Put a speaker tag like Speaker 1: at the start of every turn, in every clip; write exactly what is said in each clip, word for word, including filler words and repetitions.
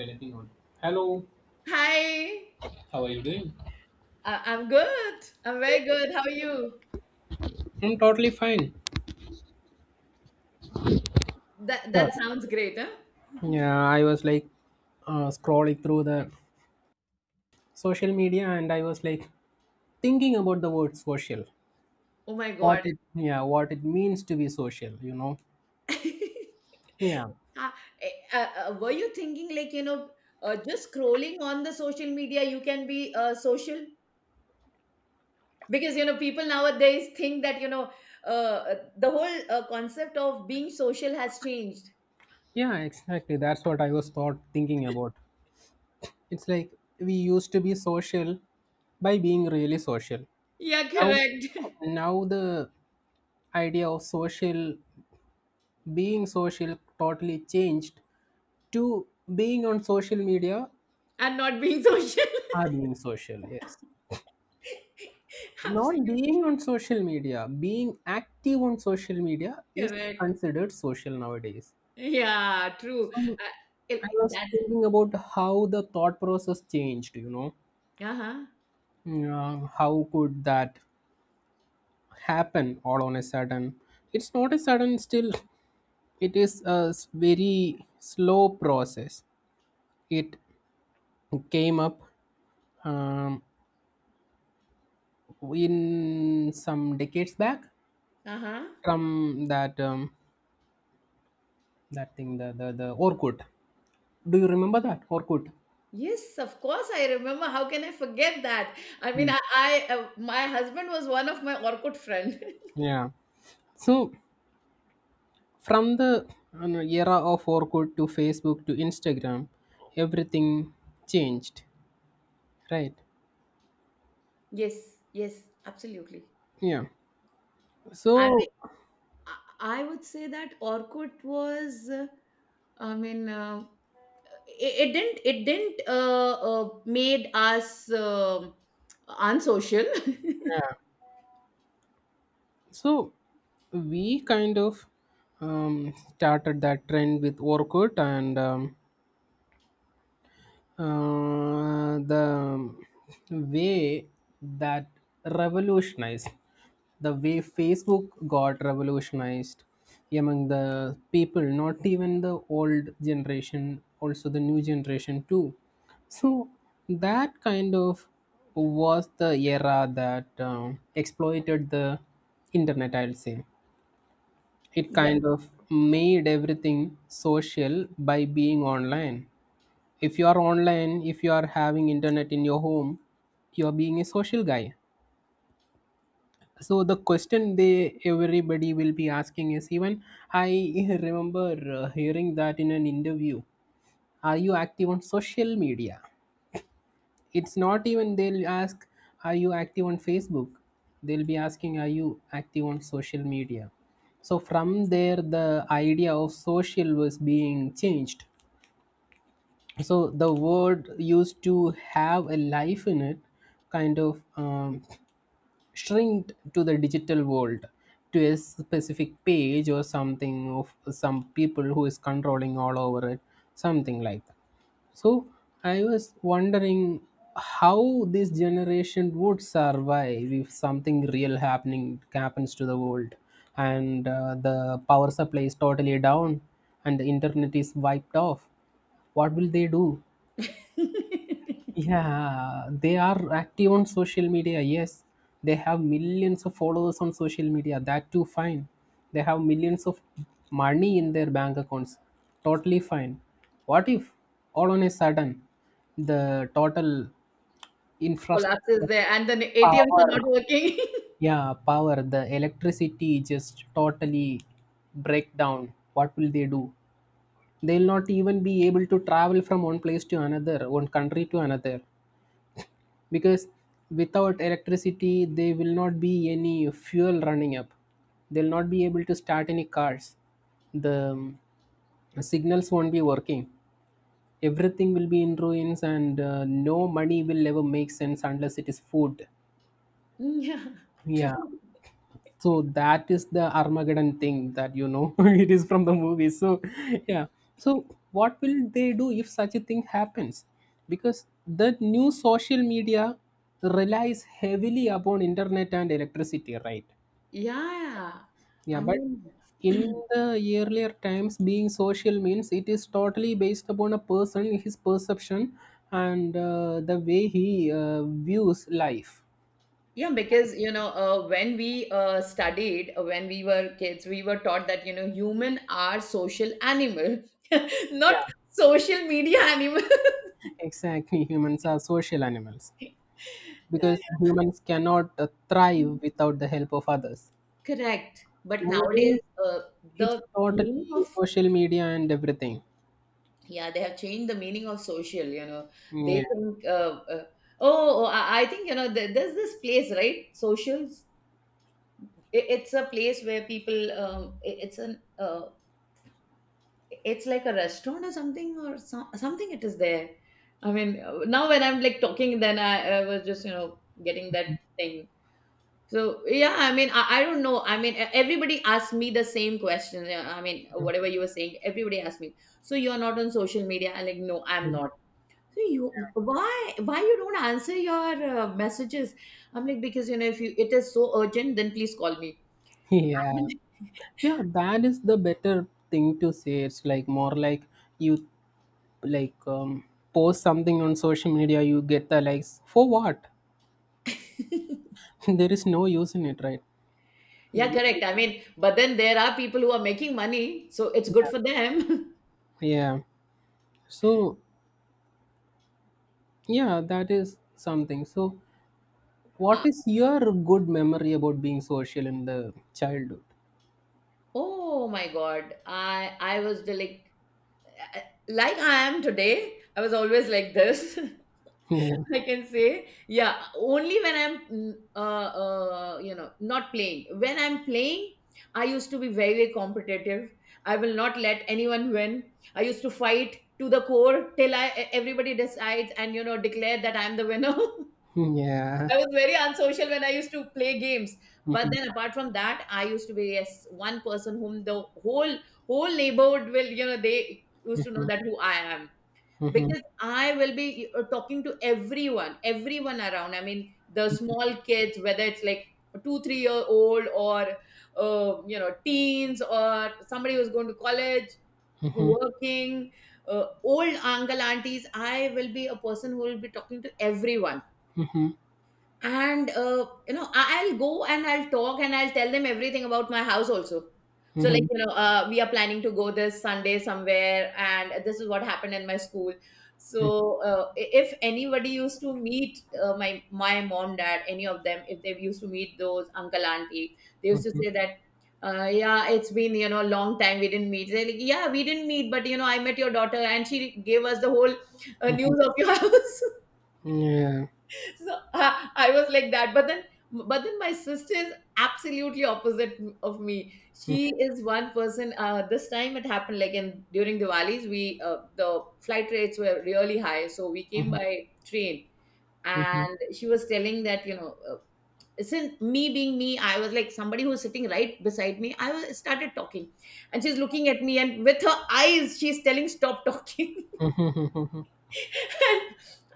Speaker 1: Anything on. Hello,
Speaker 2: Hi,
Speaker 1: how are you doing?
Speaker 2: I- I'm good. I'm very good. How are you?
Speaker 1: I'm totally fine.
Speaker 2: That that
Speaker 1: Sure.
Speaker 2: sounds great, huh?
Speaker 1: Yeah, I was like uh, scrolling through the social media, and I was like thinking about the word social.
Speaker 2: Oh my
Speaker 1: What
Speaker 2: God.
Speaker 1: it, yeah, what it means to be social, you know. Yeah.
Speaker 2: Ah, eh, uh, uh, were you thinking, like, you know, uh, just scrolling on the social media, you can be uh, social? Because, you know, people nowadays think that, you know, uh, uh, the whole uh, concept of being social has changed.
Speaker 1: Yeah, exactly. That's what I was thought thinking about. It's like we used to be social by being really social.
Speaker 2: Yeah,
Speaker 1: Now
Speaker 2: correct.
Speaker 1: now the idea of social, being social, totally changed to being on social media
Speaker 2: And not being social.
Speaker 1: are being social. Yes, not
Speaker 2: Absolutely
Speaker 1: being on social media, being active on social media is
Speaker 2: correct.
Speaker 1: considered social nowadays.
Speaker 2: Yeah, true. Uh,
Speaker 1: So I
Speaker 2: it,
Speaker 1: was
Speaker 2: that,
Speaker 1: thinking about how the thought process changed, you know
Speaker 2: uh-huh,
Speaker 1: Yeah, how could that happen all on a sudden? It's not a sudden, still it is a s- very slow process. It came up um, in some decades back.
Speaker 2: uh-huh.
Speaker 1: From that um, that thing, the the the Orkut. Do you remember that Orkut?
Speaker 2: Yes, of course, I remember. How can I forget that? I mean,
Speaker 1: Hmm.
Speaker 2: I, I uh, my husband was one of my Orkut friend.
Speaker 1: Yeah. So from the, you know, era of Orkut to Facebook to Instagram, everything changed, right?
Speaker 2: Yes, yes, absolutely.
Speaker 1: Yeah.
Speaker 2: I mean,
Speaker 1: So
Speaker 2: I I would say that Orkut was. uh, I mean, uh, it, it didn't it didn't uh, uh, made us um unsocial.
Speaker 1: yeah. So we kind of um, started that trend with Orkut and um, Uh, the way that revolutionized, the way Facebook got revolutionized among the people, not even the old generation, also the new generation too. So that kind of was the era that um, exploited the internet, I'll say. It
Speaker 2: Yep.
Speaker 1: kind of made everything social by being online. If you are online, if you are having internet in your home, you are being a social guy. So the question they, everybody will be asking is, even I remember uh, hearing that in an interview, are you active on social media? It's not even they'll ask, are you active on Facebook? They'll be asking, are you active on social media? So from there the idea of social was being changed. So the word used to have a life in it kind of um, shrinked to the digital world, to a specific page or something of some people who is controlling all over it, something like that. So I was wondering, how this generation would survive if something real happening happens to the world, and uh, the power supply is totally down and the internet is wiped off. What will they do? Yeah, they are active on social media. Yes, they have millions of followers on social media. That too, fine. They have millions of money in their bank accounts. Totally fine. What if all on a sudden the total
Speaker 2: Collapses
Speaker 1: infrastructure,
Speaker 2: there, and then A T Ms are
Speaker 1: power,
Speaker 2: not working.
Speaker 1: yeah, power, the electricity just totally break down? What will they do? They'll not even be able to travel from one place to another, one country to another, because without electricity there will not be any fuel running up. They'll not be able to start any cars. The um, signals won't be working. Everything will be in ruins, and uh, no money will ever make sense unless it is food.
Speaker 2: Yeah, true.
Speaker 1: Yeah. So that is the Armageddon thing that, you know, it is from the movie. So yeah. So what will they do if such a thing happens? Because the new social media relies heavily upon internet and electricity, right?
Speaker 2: Yeah,
Speaker 1: Yeah,
Speaker 2: I
Speaker 1: but
Speaker 2: mean.
Speaker 1: in the earlier times, being social means it is totally based upon a person, his perception, and uh, the way he uh, views life.
Speaker 2: Yeah, because, you know, uh, when we uh, studied, uh, when we were kids, we were taught that, you know, human are social animal,
Speaker 1: Yeah,
Speaker 2: not social media animal.
Speaker 1: exactly. Humans are social animals, because
Speaker 2: Yeah,
Speaker 1: humans cannot uh,
Speaker 2: yeah.
Speaker 1: thrive without the help of others.
Speaker 2: Correct. But
Speaker 1: Nowadays
Speaker 2: nowadays, uh,
Speaker 1: it's
Speaker 2: the
Speaker 1: totally
Speaker 2: meaning of
Speaker 1: social media and everything.
Speaker 2: yeah, they have changed the meaning of social. You know, they
Speaker 1: Yeah.
Speaker 2: think uh, uh, oh, oh, I I think, you know, there, there's this place, right, socials. It, it's a place where people um, it- it's an uh, it's like a restaurant or something or some something it is there. I mean, uh, now when I'm, like, talking then I, I was just, you know, getting that thing. So yeah, I mean, I, I don't know. I mean, e- everybody asked me the same question. Yeah, I mean, whatever you were saying, everybody asked me, so you're not on social media? I'm like, no, I'm
Speaker 1: Mhm.
Speaker 2: not. So you, why why you don't answer your uh, messages? I'm like, because, you know, if you it is so urgent then please call me.
Speaker 1: Yeah. Yeah, that is the better thing to say. It's like more like you like, um, post something on social media, you get the likes. For what? There is no use in it, right?
Speaker 2: Yeah,
Speaker 1: Yeah.
Speaker 2: correct, I mean, but then there are people who are making money, so it's good for them.
Speaker 1: Yeah. So, yeah, that is something. So, what
Speaker 2: Uh,
Speaker 1: is your good memory about being social in the childhood?
Speaker 2: oh my God. I I was the like uh, like I am today. I was always like this.
Speaker 1: Yeah.
Speaker 2: I can say, yeah, only when I'm, mm, uh, uh, you know, not playing. When I'm playing, I used to be very, very competitive. I will not let anyone win. I used to fight to the core till I everybody decides and, you know, declare that I'm the winner.
Speaker 1: Yeah.
Speaker 2: I was very unsocial when I used to play games. But
Speaker 1: Mhm,
Speaker 2: then apart from that, I used to be, yes, one person whom the whole whole neighborhood will, you know, they used to know
Speaker 1: mhm,
Speaker 2: that who I am.
Speaker 1: mhm,
Speaker 2: Because I will be uh, talking to everyone, everyone around. I mean, the small kids, whether it's like two, three year old or, uh, you know, teens or somebody who's going to college,
Speaker 1: mhm,
Speaker 2: working, uh, old uncle aunties. I will be a person who will be talking to everyone
Speaker 1: mhm,
Speaker 2: and, uh, you know I- I'll go and I'll talk and I'll tell them everything about my house also. So like,
Speaker 1: mhm,
Speaker 2: you know, uh, we are planning to go this Sunday somewhere and this is what happened in my school.
Speaker 1: mhm,
Speaker 2: So uh, i- if anybody used to meet uh, my my mom dad any of them, if they used to meet those uncle auntie, they used to
Speaker 1: mhm,
Speaker 2: say that, uh, yeah, it's been, you know, a long time we didn't meet. They're like, yeah, we didn't meet, but, you know, I met your daughter and she gave us the whole uh,
Speaker 1: mhm.
Speaker 2: news of your house.
Speaker 1: Yeah.
Speaker 2: So uh, I was like that, but then but then my sister is absolutely opposite of me.
Speaker 1: Mhm,
Speaker 2: She is one person. Uh, this time it happened like in during Diwali's, we uh, the flight rates were really high, so we came
Speaker 1: mhm,
Speaker 2: by train.
Speaker 1: mhm,
Speaker 2: And she was telling that, you know, uh, since me being me, I was like somebody who's sitting right beside me i was, started talking, and she's looking at me and with her eyes she's telling stop talking.
Speaker 1: mhm, mhm, mhm.
Speaker 2: And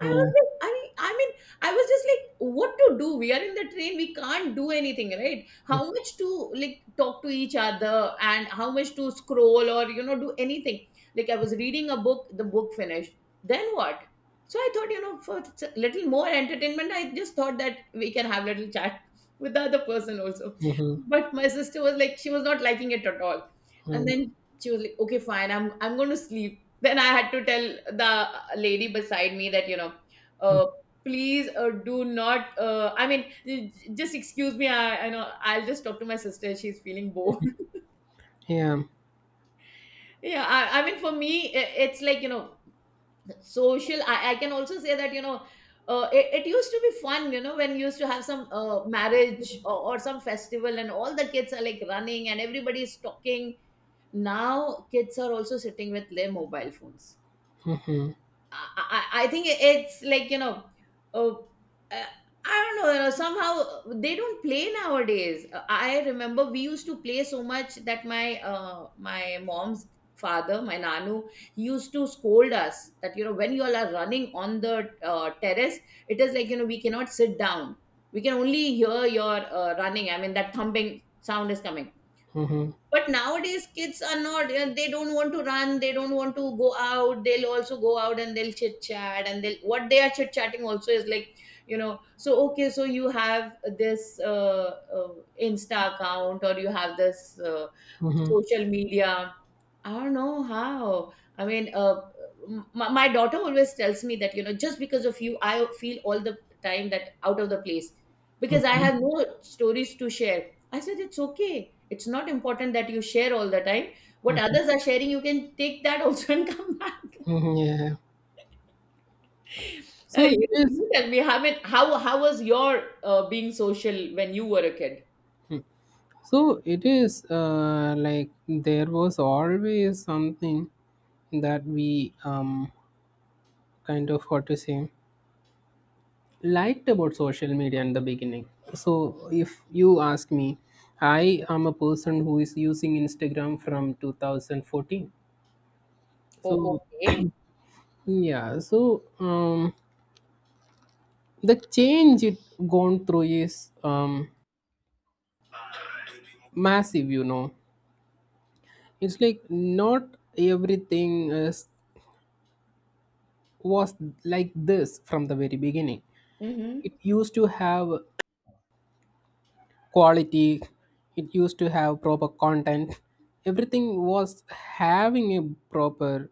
Speaker 2: I was
Speaker 1: Yeah.
Speaker 2: like, I, I mean, I was just like, what to do? We are in the train, we can't do anything, right? How much to like talk to each other and how much to scroll or, you know, do anything. Like I was reading a book, the book finished. Then what? So I thought, you know, for s- little more entertainment, I just thought that we can have little chat with the other person also.
Speaker 1: Mhm,
Speaker 2: But my sister was like, she was not liking it at all.
Speaker 1: mhm,
Speaker 2: And
Speaker 1: mhm.
Speaker 2: then she was like, okay, fine, I'm I'm going to sleep. Then I had to tell the lady beside me that, you know, uh, please uh, do not, uh, I mean, j- j- just excuse me. I, I know I'll just talk to my sister. She's feeling bored.
Speaker 1: Yeah.
Speaker 2: Yeah. I, I mean, for me, i- it's like, you know, social. I, I can also say that, you know, uh, it, it used to be fun, you know, when you used to have some uh, marriage or, or some festival and all the kids are like running and everybody's talking. Now kids are also sitting with their mobile phones.
Speaker 1: Mhm, mhm,
Speaker 2: I, I I think it's like, you know, uh, uh, I don't know. You know, somehow uh, they don't play nowadays. Uh, I remember we used to play so much that my uh, my mom's father, my nanu, he used to scold us that, you know, when you all are running on the uh, terrace, it is like, you know, we cannot sit down. We can only hear your uh, running. I mean, that thumping sound is coming
Speaker 1: mhm,
Speaker 2: but nowadays, kids are not, you know, they don't want to run, they don't want to go out, they'll also go out and they'll chit chat. And they'll, what they are chit chatting also is like, you know, so okay, so you have this uh, uh, Insta account or you have this uh,
Speaker 1: mhm,
Speaker 2: social media. I don't know how. I mean, uh, m- my, my daughter always tells me that, you know, just because of you, I feel all the time that out of the place, because I have no stories to share. I said, it's okay. It's not important that you share all the time. What
Speaker 1: mhm,
Speaker 2: others are sharing, you can take that also and come back.
Speaker 1: mhm. Yeah.
Speaker 2: Uh,
Speaker 1: So it
Speaker 2: you,
Speaker 1: is
Speaker 2: you tell me, how mean, how, how was your uh, being social when you were a kid?
Speaker 1: so it is uh, like there was always something that we um kind of, what to say, liked about social media in the beginning. So, if you ask me, I am a person who is using Instagram from twenty fourteen.
Speaker 2: Oh,
Speaker 1: So,
Speaker 2: okay.
Speaker 1: yeah, so um, the change it gone through is um, massive, you know. It's like not everything is, was like this from the very beginning. It
Speaker 2: Mm-hmm.
Speaker 1: used to have quality, it used to have proper content, everything was having a proper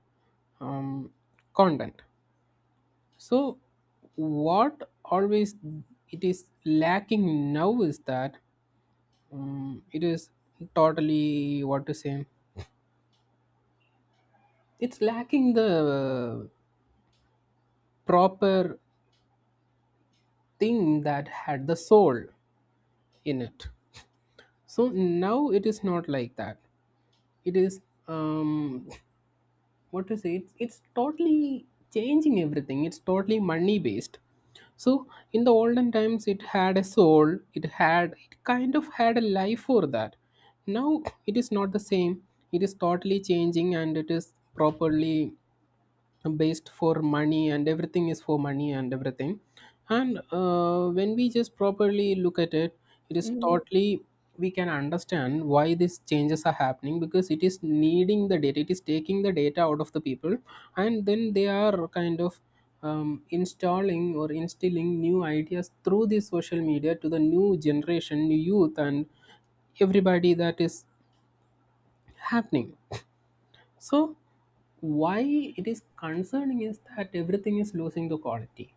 Speaker 1: um, content. So what always it is lacking now is that um, it is totally, what to say, it's lacking the proper thing that had the soul in it. So now it is not like that. It is um what to say, it's, it's totally changing everything. It's totally money based. So in the olden times it had a soul, it had, it kind of had a life for that. Now it is not the same. It is totally changing, and it is properly based for money, and everything is for money and everything. And uh, when we just properly look at it, it is
Speaker 2: Mm-hmm.
Speaker 1: totally, we can understand why these changes are happening, because it is needing the data, it is taking the data out of the people. And then they are kind of um, installing or instilling new ideas through this social media to the new generation, new youth and everybody. That is happening. So why it is concerning is that everything is losing the quality.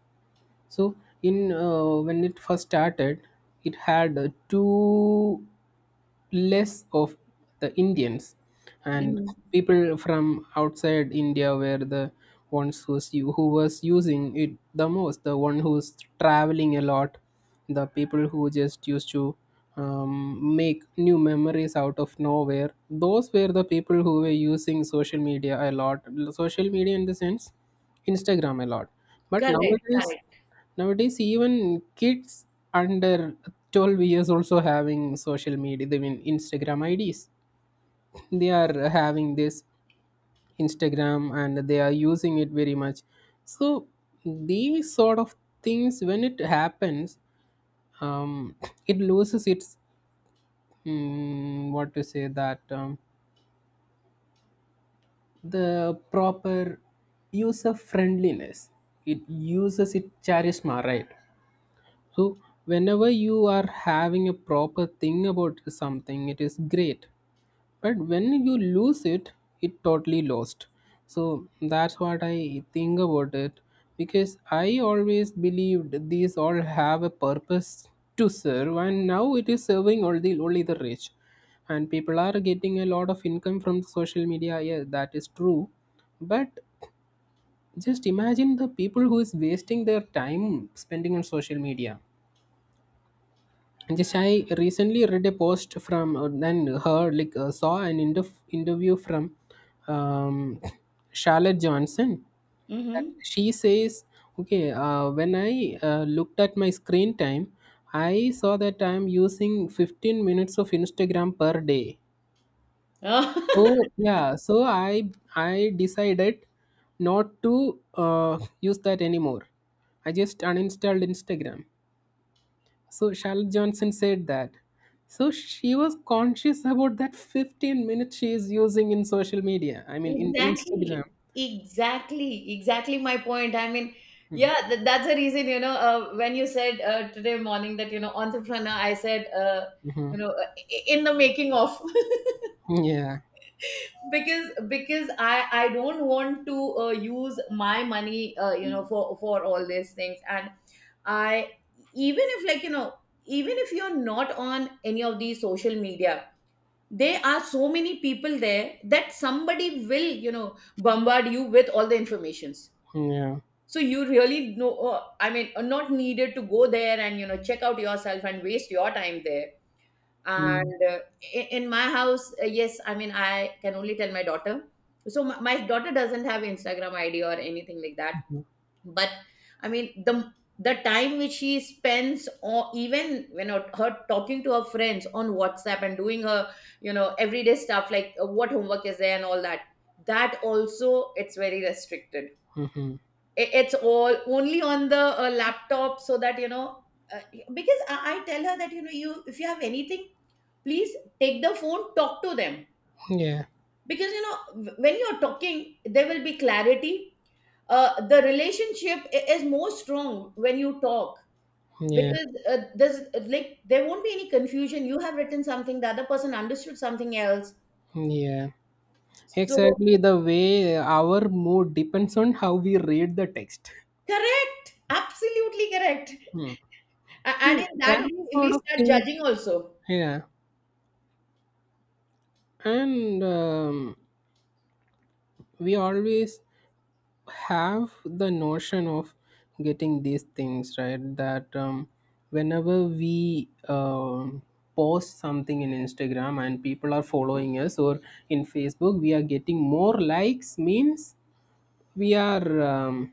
Speaker 1: So in uh, when it first started, it had uh, two less of the Indians, and
Speaker 2: Mm-hmm.
Speaker 1: people from outside India were the ones who was, u- who was using it the most, the one who's traveling a lot, the people who just used to um, make new memories out of nowhere. Those were the people who were using social media a lot, social media in the sense Instagram a lot. But
Speaker 2: Correct,
Speaker 1: nowadays,
Speaker 2: correct.
Speaker 1: Nowadays, even kids under twelve years also having social media, they mean Instagram I Ds. They are having this Instagram and they are using it very much. So, these sort of things, when it happens, um, it loses its, mm, what to say, that, um, the proper user friendliness. It uses its charisma, right? So, whenever you are having a proper thing about something, it is great. But when you lose it, it totally lost. So, that's what I think about it, because I always believed these all have a purpose to serve, and now it is serving only, only the rich. And people are getting a lot of income from social media. Yeah, that is true. But just imagine the people who is wasting their time spending on social media. Just I recently read a post from uh, and heard like, uh, saw an interf- interview from um, Charlotte Johnson. That
Speaker 2: Mm-hmm.
Speaker 1: she says, okay, uh, when I uh, looked at my screen time, I saw that I'm using fifteen minutes of Instagram per day. So yeah, so i i decided not to uh, use that anymore. I just uninstalled Instagram. So Charlotte Johnson said that. So she was conscious about that fifteen minutes she is using in social media. I mean, in
Speaker 2: Exactly,
Speaker 1: Instagram.
Speaker 2: exactly, exactly my point. I mean, yeah, th that's the reason, you know, uh, when you said uh, today morning that, you know, entrepreneur, I said, uh,
Speaker 1: Mm-hmm.
Speaker 2: you know, uh, i- in the making of
Speaker 1: Yeah.
Speaker 2: because because I I don't want to uh, use my money, uh, you know, for for all these things. And I even if, like, you know, even if you're not on any of these social media, there are so many people there that somebody will, you know, bombard you with all the informations,
Speaker 1: Yeah.
Speaker 2: so you really know, uh, I mean, are not needed to go there and, you know, check out yourself and waste your time there. And uh, i- in my house, uh, yes, I mean, I can only tell my daughter. So my, my daughter doesn't have Instagram ID or anything like that,
Speaker 1: Mm-hmm.
Speaker 2: but I mean the the time which she spends or even, you know, her talking to her friends on WhatsApp and doing her, you know, everyday stuff like uh, what homework is there and all that, that also it's very restricted. I- it's all only on the uh, laptop, so that, you know, uh, because I, I tell her that, you know, you if you have anything, please take the phone, talk to them,
Speaker 1: Yeah.
Speaker 2: because, you know, when you're talking there will be clarity. Uh, the relationship i- is more strong when you talk,
Speaker 1: Yeah.
Speaker 2: because uh, there's uh, like there won't be any confusion. You have written something, the other person understood something else.
Speaker 1: Yeah.
Speaker 2: So
Speaker 1: Exactly the way our mood depends on how we read the text.
Speaker 2: correct, absolutely correct.
Speaker 1: Hmm.
Speaker 2: A- and
Speaker 1: So
Speaker 2: in that
Speaker 1: that
Speaker 2: only
Speaker 1: sort
Speaker 2: we
Speaker 1: of
Speaker 2: start
Speaker 1: thing.
Speaker 2: judging also.
Speaker 1: Yeah. And um, we always have the notion of getting these things right, that um, whenever we um, post something in Instagram and people are following us, or in Facebook we are getting more likes, means we are um,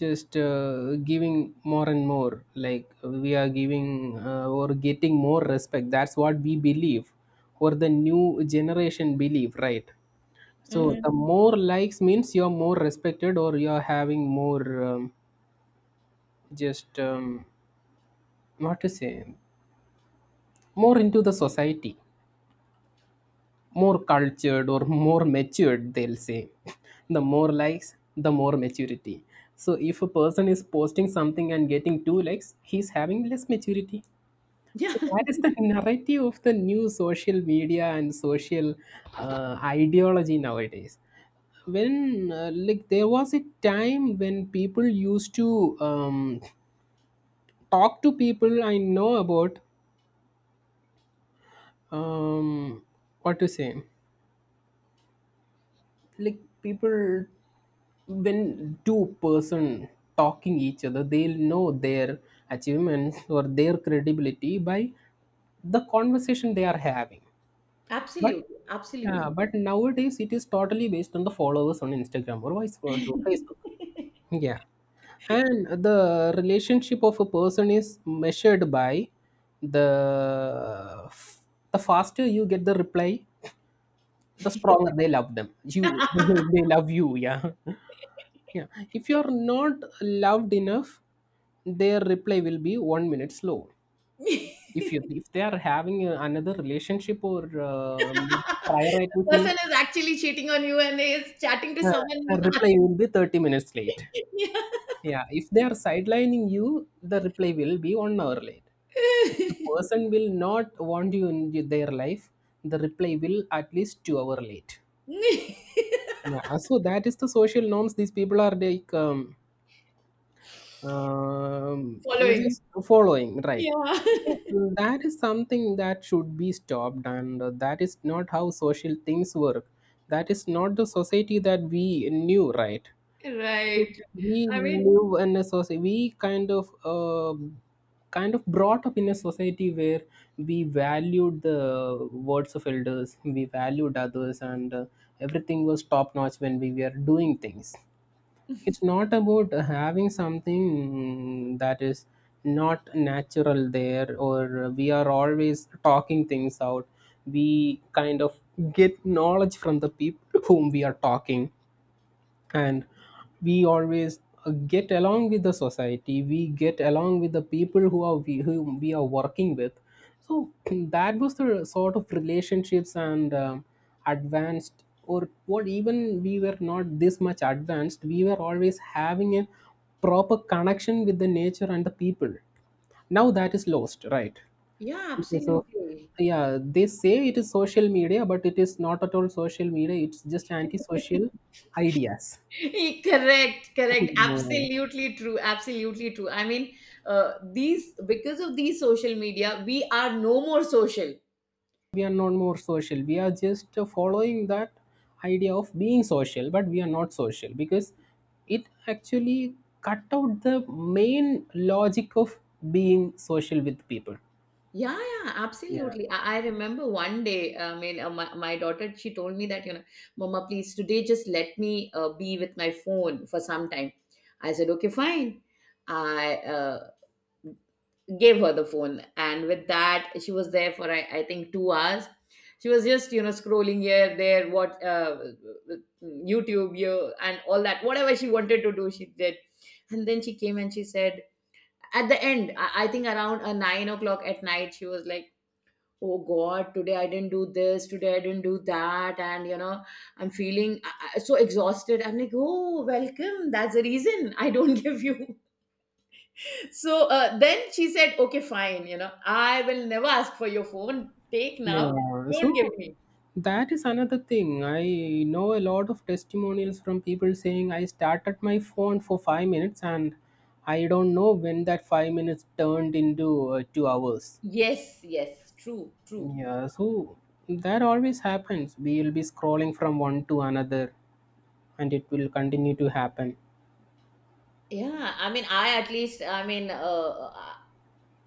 Speaker 1: just uh, giving more and more, like we are giving uh, or getting more respect. That's what we believe, or the new generation believe, right? So
Speaker 2: Mhm.
Speaker 1: the more likes means you're more respected, or you're having more um, just um, what to say, more into the society, more cultured or more matured, they'll say. The more likes, the more maturity. So if a person is posting something and getting two likes, he's having less maturity.
Speaker 2: Yeah.
Speaker 1: So that is the narrative of the new social media and social uh, ideology nowadays. When uh, like there was a time when people used to um, talk to people, I know about, um, what to say, like people, when two person talking each other, they'll know their achievements or their credibility by the conversation they are having. But
Speaker 2: Absolutely,
Speaker 1: yeah,
Speaker 2: absolutely.
Speaker 1: but nowadays it is totally based on the followers on Instagram, or vice versa, Facebook. Yeah. And the relationship of a person is measured by the the faster you get the reply, the stronger they love them. You
Speaker 2: The
Speaker 1: they love you, yeah. Yeah. If you're not loved enough, their reply will be one minute slow. If you if they are having uh, another relationship or uh, prioritizing,
Speaker 2: person is actually cheating on you and is chatting to
Speaker 1: uh, a
Speaker 2: someone.
Speaker 1: reply will be thirty minutes late. Yeah, if they are sidelining you, the reply will be one hour late. If the person will not want you in their life, the reply will at least two hour late. Yeah, uh, so that is the social norms these people are like um, um,
Speaker 2: Following.
Speaker 1: just following, right?
Speaker 2: Yeah.
Speaker 1: So mm, that is something that should be stopped, and that is not how social things work. That is not the society that we knew, right?
Speaker 2: Right.
Speaker 1: We
Speaker 2: I mean,
Speaker 1: live in a society. We kind of um kind of brought up in a society where we valued the words of elders, we valued others, and uh, everything was top notch when we were doing things. It's not about having something that is not natural there, or we are always talking things out. We kind of get knowledge from the people whom we are talking, and we always uh, get along with the society, we get along with the people who are we, whom we are working with. So that was the sort of relationships, and um, advanced, or what, even we were not this much advanced. We were always having a proper connection with the nature and the people. Now that is lost, right?
Speaker 2: yeah,
Speaker 1: Because of,
Speaker 2: absolutely.
Speaker 1: yeah, they say it is social media, but it is not at all social media, it's just anti-social ideas.
Speaker 2: Correct, correct.
Speaker 1: No,
Speaker 2: Absolutely true. Absolutely true. I mean, uh, these because of these social media, we are no more social.
Speaker 1: we are not more social. We are just uh, following that idea of being social, but we are not social because it actually cut out the main logic of being social with people.
Speaker 2: Yeah, yeah,
Speaker 1: Yeah.
Speaker 2: absolutely. I, I remember one day, I mean, uh, my, my daughter, she told me that, you know, Mama, please, today just let me uh, be with my phone for some time. I said, okay, fine. I uh, gave her the phone, and with that she was there for I, I think two hours. She was just, you know, scrolling here there, what uh, YouTube you and all that, whatever she wanted to do she did. And then she came and she said at the end, i, I think around uh, nine o'clock at night, she was like, oh god, today I didn't do this, today I didn't do that, and you know, I'm feeling uh, uh, so exhausted. I'm like, oh, welcome, that's the reason I don't give you. So uh, then she said, okay, fine, you know, I will never ask for your phone. Take now.
Speaker 1: Yeah.
Speaker 2: Don't give
Speaker 1: So
Speaker 2: me.
Speaker 1: that is another thing. I know a lot of testimonials from people saying I started my phone for five minutes, and I don't know when that five minutes turned into uh, two hours.
Speaker 2: Yes, yes, true, true.
Speaker 1: Yeah, so that always happens. We will be scrolling from one to another, and it will continue to happen.
Speaker 2: Yeah, I mean, I at least, I mean, uh, uh,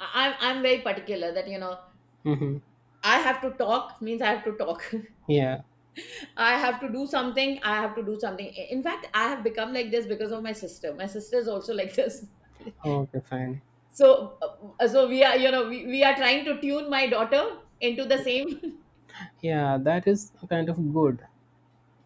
Speaker 2: I, I'm I'm very particular that, you know,
Speaker 1: Hmm.
Speaker 2: I have to talk means I have to talk.
Speaker 1: Yeah.
Speaker 2: I have to do something. I have to do something. I- In fact, I have become like this because of my sister. My sister is also like this.
Speaker 1: Okay, fine.
Speaker 2: So, uh, so we are, you know, we, we are trying to tune my daughter into the same.
Speaker 1: Yeah, that is kind of good.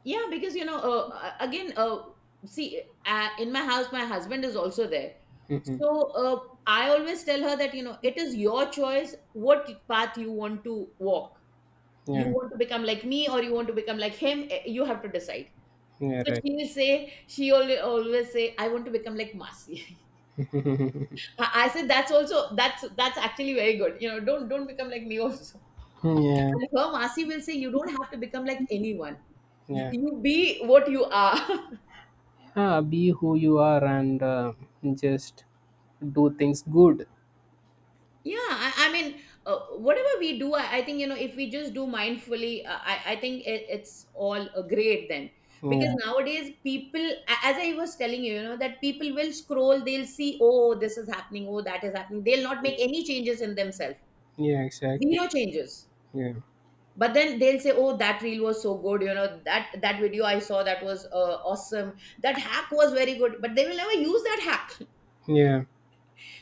Speaker 2: Yeah, because you know, uh, uh, again, uh, see, uh, in my house, my husband is also there.
Speaker 1: Hmm.
Speaker 2: So uh, I always tell her that, you know, it is your choice what path you want to walk. You
Speaker 1: Yeah.
Speaker 2: want to become like me, or you want to become like him, eh, you have to decide.
Speaker 1: Yeah.
Speaker 2: So
Speaker 1: Right.
Speaker 2: she will say, she always, always say, I want to become like Masi. I I said, that's also, that's, that's actually very good. You know, don't, don't become like me also.
Speaker 1: Mm, yeah.
Speaker 2: And her Masi will say, you don't have to become like anyone. You,
Speaker 1: Yeah.
Speaker 2: you be what you are.
Speaker 1: Yeah. Be who you are, and uh, just do things good.
Speaker 2: Yeah, I, I mean, uh, whatever we do, I, I think, you know, if we just do mindfully, uh, I, I think it, it's all uh, great then. Because
Speaker 1: Yeah.
Speaker 2: nowadays, people, a- as I was telling you, you know, that people will scroll, they'll see, oh, this is happening, oh, that is happening. They'll not make any changes in themselves,
Speaker 1: Yeah. Exactly.
Speaker 2: zero changes.
Speaker 1: Yeah.
Speaker 2: But then they'll say, oh, that reel was so good, you know, that that video I saw that was uh, awesome, that hack was very good. But they will never use that hack.
Speaker 1: Yeah.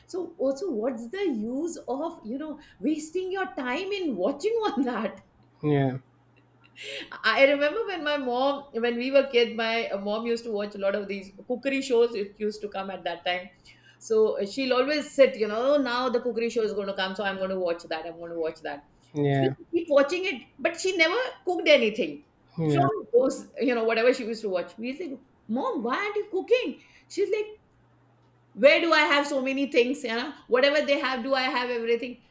Speaker 2: So also, what's the use of, you know, wasting your time in watching on that?
Speaker 1: Yeah.
Speaker 2: I remember when my mom, when we were kids, my uh, mom used to watch a lot of these cookery shows. It used to come at that time. So uh, she'll always sit, you know, "Oh, now the cookery show is going to come, so I'm going to watch that, I'm going to watch that." She
Speaker 1: Yeah.
Speaker 2: used to keep watching it, but she never cooked anything
Speaker 1: Yeah.
Speaker 2: from those, you know. Whatever she used to watch, we used to go, mom, why aren't you cooking? She's like, where do I have so many things, you know, whatever they have, do I have everything?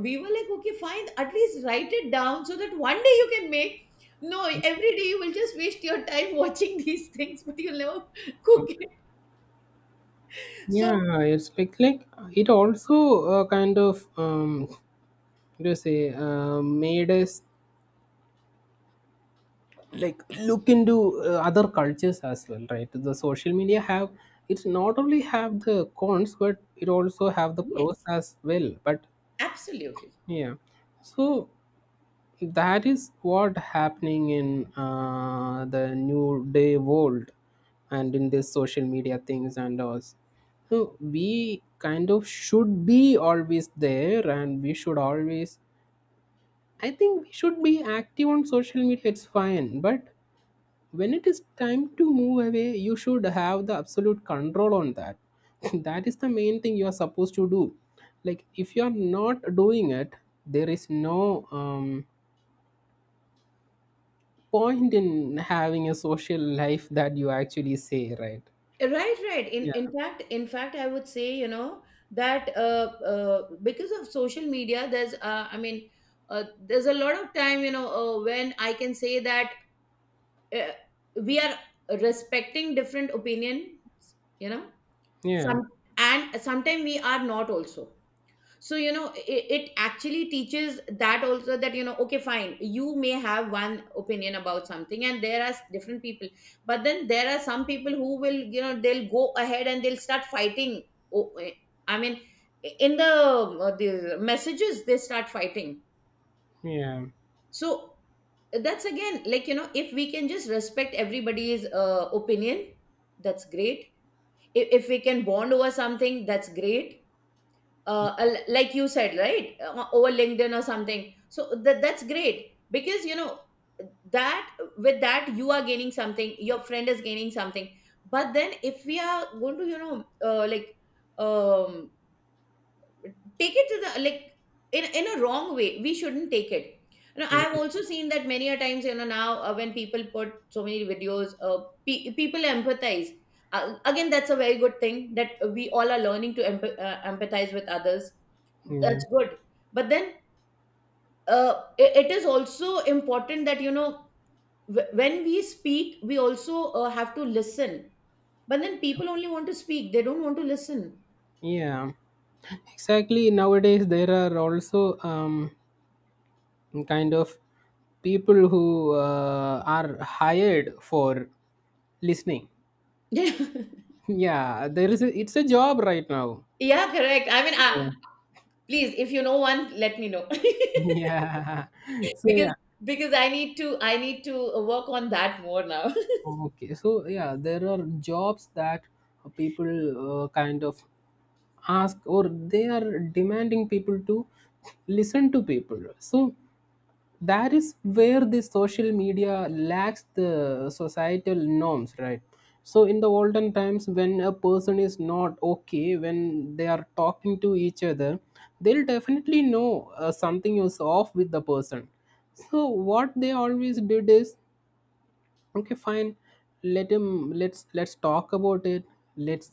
Speaker 2: We were like, okay fine, at least write it down so that one day you can make. No, every day you will just waste your time watching these things, but you'll never cook it. So
Speaker 1: Yeah, it's like like it also uh, kind of um what do you say, uh, made us like look into uh, other cultures as well, right? The social media have, it's not only have the cons, but it also have the pros
Speaker 2: yes,
Speaker 1: as well. But
Speaker 2: absolutely.
Speaker 1: yeah, so that is what happening in uh, the new day world and in this social media things and all. So we kind of should be always there, and we should always, I think we should be active on social media, it's fine. But when it is time to move away, you should have the absolute control on that. That is the main thing you are supposed to do. Like, if you are not doing it, there is no um, point in having a social life that you actually say, right?
Speaker 2: Right, right. in in
Speaker 1: Yeah.
Speaker 2: fact in fact I would say, you know, that uh, uh because of social media there's, uh, I mean, uh, there's a lot of time, you know, uh, when I can say that, uh, we are respecting different opinions, you know.
Speaker 1: Yeah.
Speaker 2: Some, and sometimes we are not also. So you know it, it actually teaches that also, that you know, okay fine, you may have one opinion about something and there are different people. But then there are some people who will, you know, they'll go ahead and they'll start fighting. O- eh, I mean, in the, uh, the messages they start fighting.
Speaker 1: Yeah.
Speaker 2: So that's again, like, you know, if we can just respect everybody's uh, opinion, that's great. If, if we can bond over something, that's great. Uh, al- like you said, right, uh, over LinkedIn or something. So that, that's great, because you know, that with that you are gaining something, your friend is gaining something. But then, if we are going to, you know, uh, like, um take it to the, like, in in a wrong way, we shouldn't take it. You know, I have also seen that many a times, you know, now uh, when people put so many videos, uh, pe- people empathize. Uh, again, that's a very good thing, that we all are learning to emp- uh, empathize with others.
Speaker 1: Yeah.
Speaker 2: That's good. But then, uh, i- it is also important that, you know, wh- when we speak, we also uh, have to listen. But then people only want to speak, they don't want to listen.
Speaker 1: Yeah. Exactly. Nowadays, there are also um, kind of people who uh, are hired for listening.
Speaker 2: Yeah,
Speaker 1: Yeah, there is a, it's a job right now.
Speaker 2: correct, i mean I,
Speaker 1: Yeah.
Speaker 2: please, if you know one, let me know.
Speaker 1: Yeah. So
Speaker 2: because
Speaker 1: yeah.
Speaker 2: because I need to, I need to work on that more now.
Speaker 1: Okay, so yeah, there are jobs that people uh, kind of ask, or they are demanding people to listen to people. So that is where the social media lacks the societal norms, right? So in the olden times, when a person is not okay, when they are talking to each other, they'll definitely know uh, something is off with the person. So what they always did is, okay, fine, let him, let's let's talk about it, let's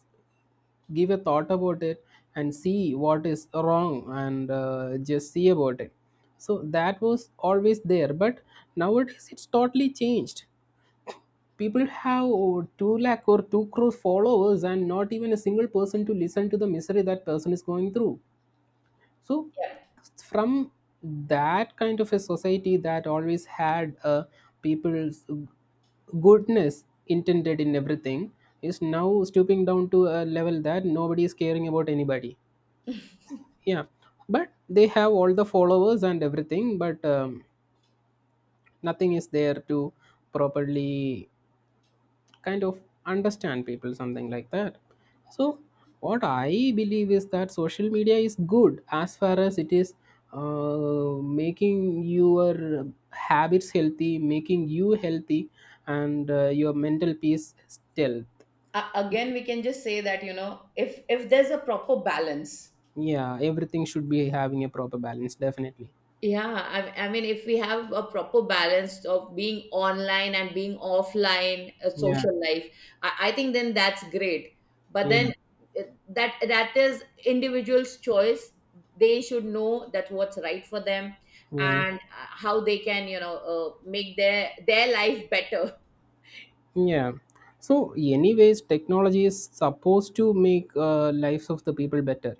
Speaker 1: give a thought about it and see what is wrong, and uh, just see about it. So that was always there, but nowadays it's totally changed. People have, oh, two lakh or two crore followers and not even a single person to listen to the misery that person is going through. So
Speaker 2: Yeah.
Speaker 1: from that kind of a society that always had uh, people's goodness intended in everything is now stooping down to a level that nobody is caring about anybody. Yeah, but they have all the followers and everything, but um, nothing is there to properly kind of understand people, something like that. So what I believe is that social media is good as far as it is uh, making your habits healthy, making you healthy, and uh, your mental peace stealth.
Speaker 2: A- again, we can just say that, you know, if if there's a proper balance.
Speaker 1: Yeah, everything should be having a proper balance, definitely.
Speaker 2: Yeah, I, I mean, if we have a proper balance of being online and being offline uh,
Speaker 1: Yeah.
Speaker 2: social life, I, I think then that's great. But
Speaker 1: Yeah.
Speaker 2: then, uh, that, that is individual's choice. They should know that what's right for them,
Speaker 1: Yeah.
Speaker 2: and uh, how they can, you know, uh, make their their life better.
Speaker 1: Yeah. So anyways, technology is supposed to make uh, lives of the people better.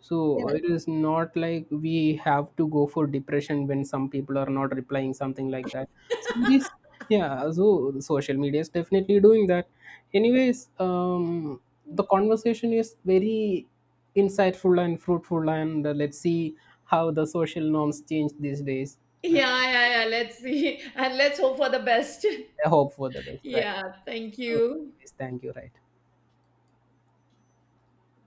Speaker 1: So
Speaker 2: Yeah.
Speaker 1: it is not like we have to go for depression when some people are not replying, something like that. So this, yeah, so social media is definitely doing that. Anyways, um, the conversation is very insightful and fruitful, and uh, let's see how the social norms change these days. Uh,
Speaker 2: Yeah, yeah, yeah. Let's see, and let's hope for the best.
Speaker 1: I hope for the best, right?
Speaker 2: Yeah, thank
Speaker 1: So
Speaker 2: you.
Speaker 1: anyways, thank you, right?